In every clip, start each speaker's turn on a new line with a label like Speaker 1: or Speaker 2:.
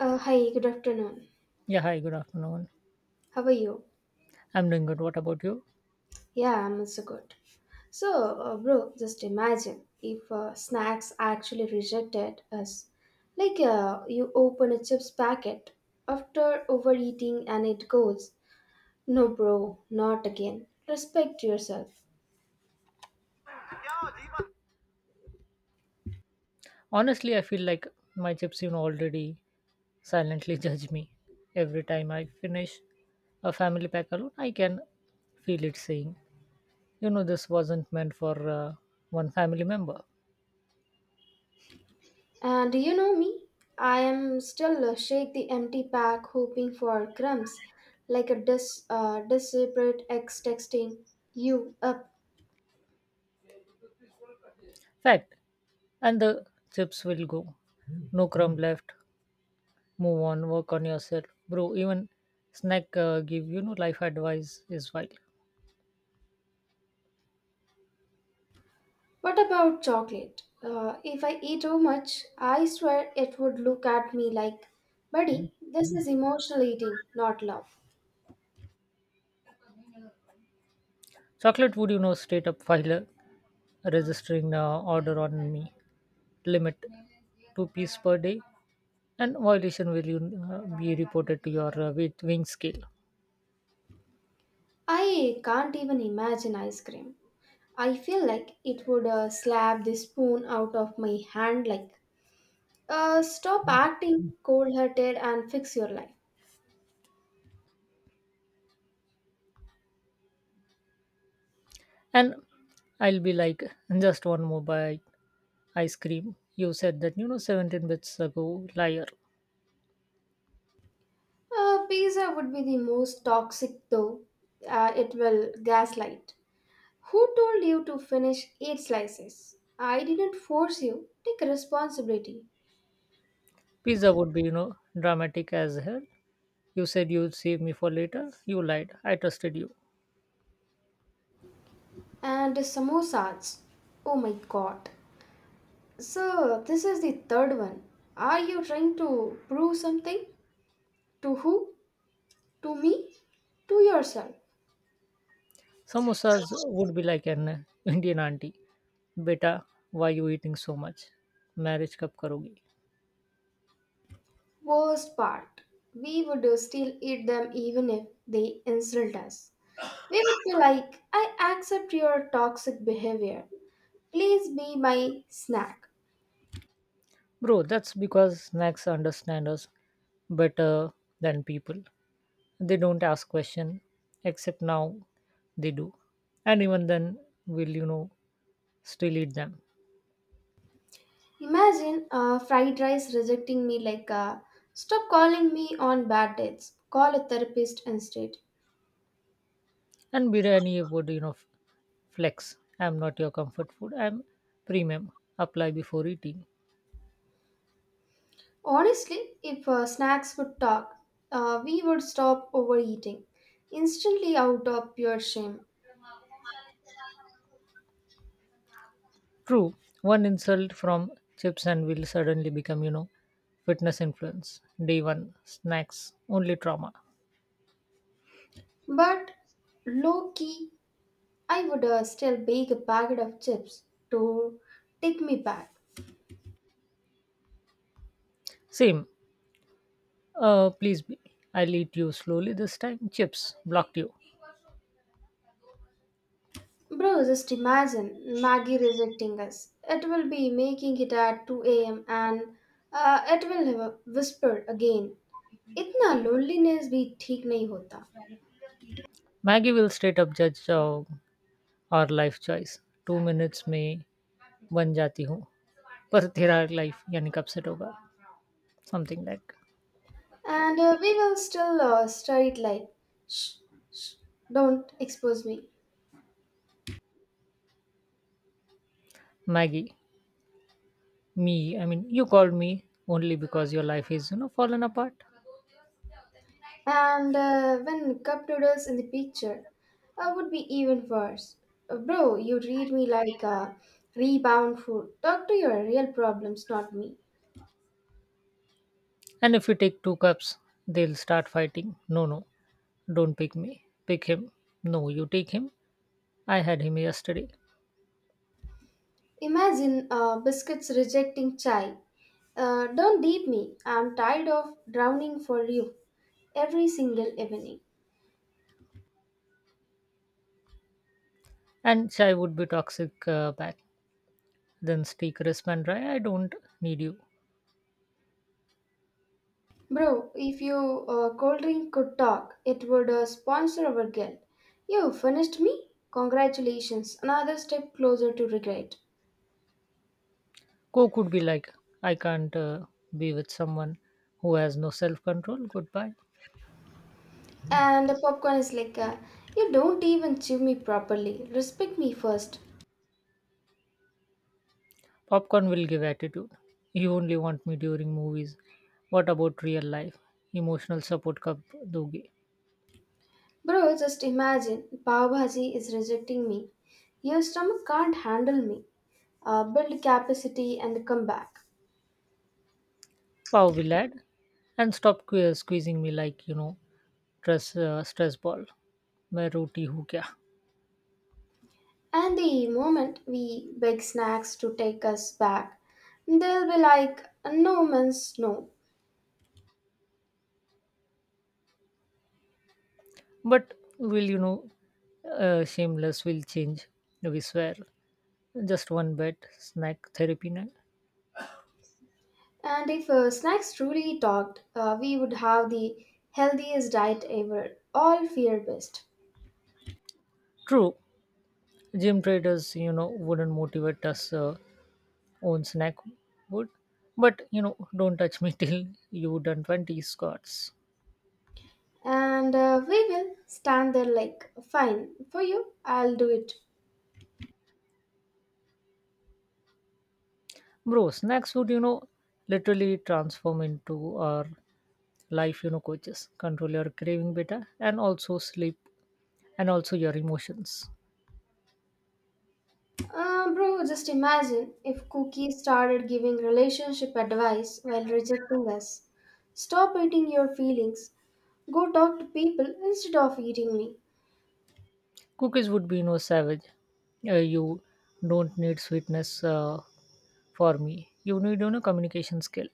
Speaker 1: Hi, good afternoon.
Speaker 2: Yeah, hi, good afternoon.
Speaker 1: How are you?
Speaker 2: I'm doing good. What about you?
Speaker 1: Yeah, I'm also good. So, bro, just imagine if snacks actually rejected us. Like, you open a chips packet after overeating and it goes, no, bro, not again. Respect yourself.
Speaker 2: Honestly, I feel like my chips, already silently judge me. Every time I finish a family pack alone, I can feel it saying, this wasn't meant for one family member.
Speaker 1: And you know me, I am still shake the empty pack hoping for crumbs, like a desperate ex texting you up.
Speaker 2: Fact. And the chips will go. No crumb left. Move on. Work on yourself. Bro, even snack life advice is wild.
Speaker 1: What about chocolate? If I eat too much, I swear it would look at me like, buddy, this is emotional eating, not love.
Speaker 2: Chocolate would, straight up file a registering order on me, limit two pieces per day, and violation will you be reported to your with wing scale.
Speaker 1: I can't even imagine ice cream. I feel like it would slap the spoon out of my hand like, stop acting cold hearted and fix your life.
Speaker 2: And I'll be like, just one more bite. Ice cream, you said that, you know, 17 bits ago, liar.
Speaker 1: Pizza would be the most toxic though. It will gaslight. Who told you to finish eight slices? I didn't force you. Take responsibility.
Speaker 2: Pizza would be, you know, dramatic as hell. You said you'd save me for later, you lied, I trusted you.
Speaker 1: And samosas. Oh my god. So, this is the third one. Are you trying to prove something? To who? To me? To yourself.
Speaker 2: Samosas would be like an Indian auntie. Beta, why you eating so much? Marriage kab karogi?
Speaker 1: Worst part. We would still eat them even if they insult us. We would be like, I accept your toxic behavior. Please be my snack.
Speaker 2: Bro, that's because snacks understand us better than people. They don't ask question, except now they do. And even then, we'll, you know, still eat them.
Speaker 1: Imagine fried rice rejecting me like, stop calling me on bad dates, call a therapist instead.
Speaker 2: And biryani would, you know, flex. I'm not your comfort food. I'm premium. Apply before eating.
Speaker 1: Honestly, if snacks would talk, we would stop overeating instantly out of pure shame.
Speaker 2: True. One insult from chips and will suddenly become, you know, fitness influence. Day one, snacks, only trauma.
Speaker 1: But low key, I would still bake a packet of chips to take me back.
Speaker 2: Same. Please be. I'll eat you slowly this time. Chips, blocked you.
Speaker 1: Bro, just imagine Maggie rejecting us. It will be making it at 2 a.m. and it will have whispered again. इतना loneliness भी ठीक नहीं होता.
Speaker 2: Maggie will straight up judge our life choice. 2 minutes में बन जाती हूँ पर तेरा life यानी कब set होगा, something like,
Speaker 1: and we will still studied like don't expose me.
Speaker 2: Maggie me, I mean, you called me only because your life is, you know, fallen apart.
Speaker 1: When cup noodles in the picture, picture would be even worse. Bro, you read me like a rebound food. Talk to your real problems, not me.
Speaker 2: And if you take two cups, they'll start fighting. No, no, don't pick me, pick him. No, you take him, I had him yesterday.
Speaker 1: Imagine biscuits rejecting chai. Don't deep me, I'm tired of drowning for you every single evening.
Speaker 2: And chai would be toxic back. Then speak respond, right? I don't need you.
Speaker 1: Bro, if you cold drink could talk, it would sponsor our guild. You finished me? Congratulations, another step closer to regret.
Speaker 2: Go could be like, I can't be with someone who has no self control. Goodbye.
Speaker 1: And the popcorn is like, you don't even chew me properly. Respect me first.
Speaker 2: Popcorn will give attitude. You only want me during movies. What about real life? Emotional support cup doge.
Speaker 1: Bro, just imagine, Pav Bhaji is rejecting me. Your stomach can't handle me. Build capacity and come back.
Speaker 2: Pow will add. And stop squeezing me like, you know, stress ball. मैं रोटी हूँ क्या?
Speaker 1: And the moment we beg snacks to take us back, they'll be like, no man's no.
Speaker 2: But will you know shameless will change, we swear, just one bed snack therapy night.
Speaker 1: And if snacks truly talked, we would have the healthiest diet ever, all fear based.
Speaker 2: True, gym traders, you know, wouldn't motivate us, own snack would, but, you know, don't touch me till you done 20 squats,
Speaker 1: And we will stand there like, fine, for you, I'll do it.
Speaker 2: bro. Snacks would, you know, literally transform into our life, you know, coaches. Control your craving better, and also sleep, and also your emotions.
Speaker 1: Bro, just imagine if cookies started giving relationship advice while rejecting us. Stop eating your feelings, go talk to people instead of eating me.
Speaker 2: Cookies would be, you know, savage. You don't need sweetness for me. You need, you know, communication skill,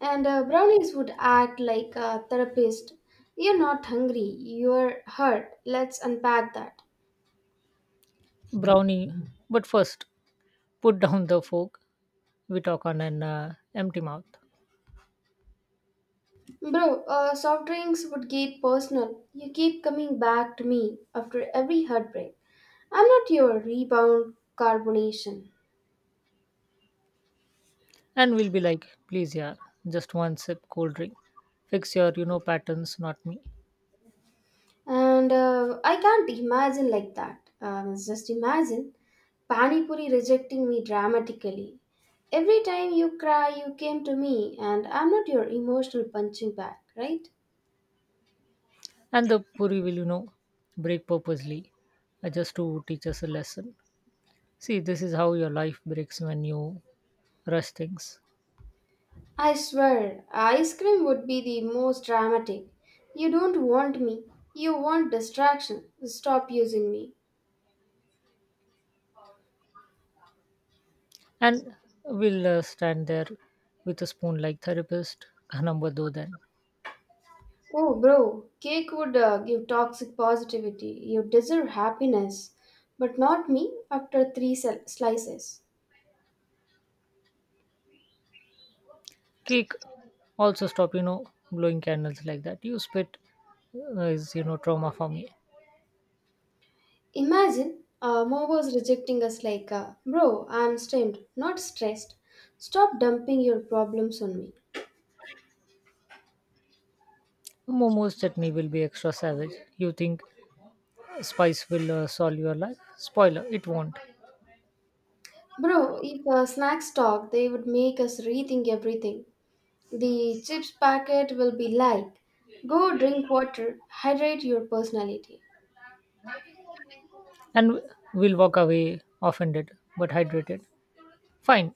Speaker 1: And brownies would act like a therapist. You're not hungry, you're hurt. Let's unpack that.
Speaker 2: brownie. But first, put down the fork, we talk on an empty mouth.
Speaker 1: Bro, soft drinks would get personal. You keep coming back to me after every heartbreak. I'm not your rebound carbonation.
Speaker 2: And we'll be like, please, yeah, just one sip, cold drink, fix your, you know, patterns, not me.
Speaker 1: And I can't imagine like that. Just imagine Pani Puri rejecting me dramatically. Every time you cry, you came to me, and I'm not your emotional punching bag, right?
Speaker 2: And the puri will, you know, break purposely just to teach us a lesson. See, this is how your life breaks when you rush things.
Speaker 1: I swear, ice cream would be the most dramatic. You don't want me, you want distraction. Stop using me.
Speaker 2: And we'll stand there with a spoon like therapist number do then.
Speaker 1: Oh, bro, cake would give toxic positivity. You deserve happiness, but not me after three slices.
Speaker 2: Cake also, stop, you know, blowing candles like that, you spit is, you know, trauma for me.
Speaker 1: Imagine Momo's rejecting us like, bro, I'm stemmed, not stressed. Stop dumping your problems on me.
Speaker 2: Momo's chutney will be extra savage. You think spice will solve your life? Spoiler, it won't.
Speaker 1: Bro, if snacks talk, they would make us rethink everything. The chips packet will be like, go drink water, hydrate your personality.
Speaker 2: And we'll walk away offended but hydrated. Fine,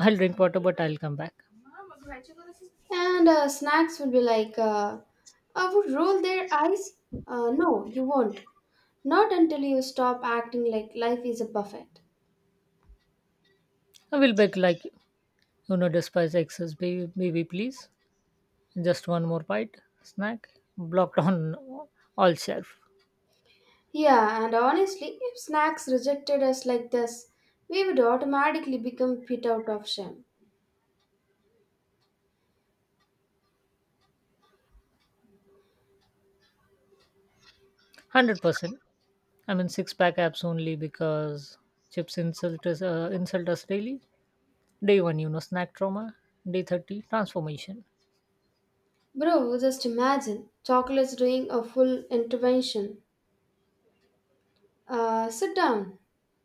Speaker 2: I'll drink water but I'll come back.
Speaker 1: And snacks will be like, I would roll their eyes. No, you won't. Not until you stop acting like life is a buffet.
Speaker 2: I will beg like, you know, despise excess, baby, baby please. Just one more bite, snack, blocked on all shelf.
Speaker 1: Yeah, and honestly, if snacks rejected us like this, we would automatically become pit out of shame.
Speaker 2: 100%. I mean, six pack apps only because chips insult us daily. Day one, you know, snack trauma. Day 30, transformation.
Speaker 1: Bro, just imagine chocolates doing a full intervention. Sit down.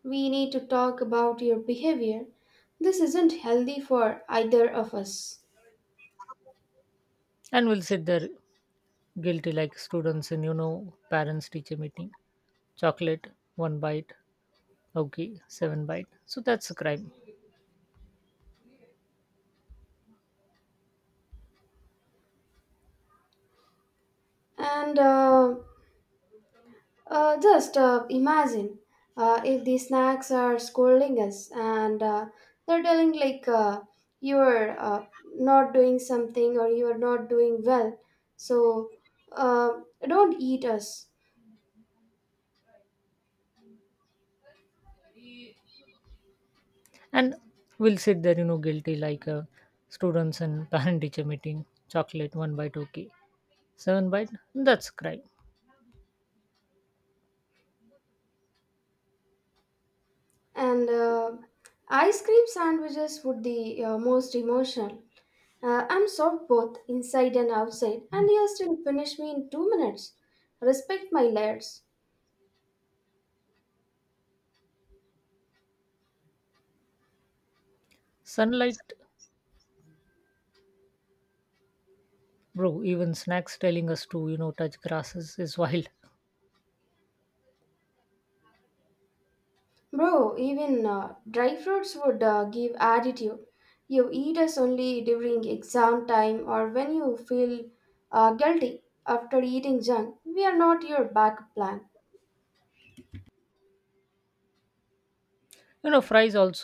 Speaker 1: We need to talk about your behavior. This isn't healthy for either of us.
Speaker 2: And will sit there guilty like students in, you know, parents teacher meeting. Chocolate, one bite okay, seven bite, so that's a crime.
Speaker 1: And just Imagine if these snacks are scolding us, and they're telling like, you're not doing something, or you're not doing well, so uh, don't eat us.
Speaker 2: And we'll sit there, you know, guilty like students and parent teacher meeting. Chocolate, one bite okay, seven bite, that's a crime.
Speaker 1: And ice cream sandwiches would be most emotional. I'm soft both inside and outside, and you still finish me in 2 minutes. Respect my layers.
Speaker 2: Sunlight, bro, even snacks telling us to, you know, touch grasses is wild.
Speaker 1: Bro, even dry fruits would give attitude. You eat us only during exam time or when you feel guilty after eating junk. We are not your backup plan.
Speaker 2: You know, fries also,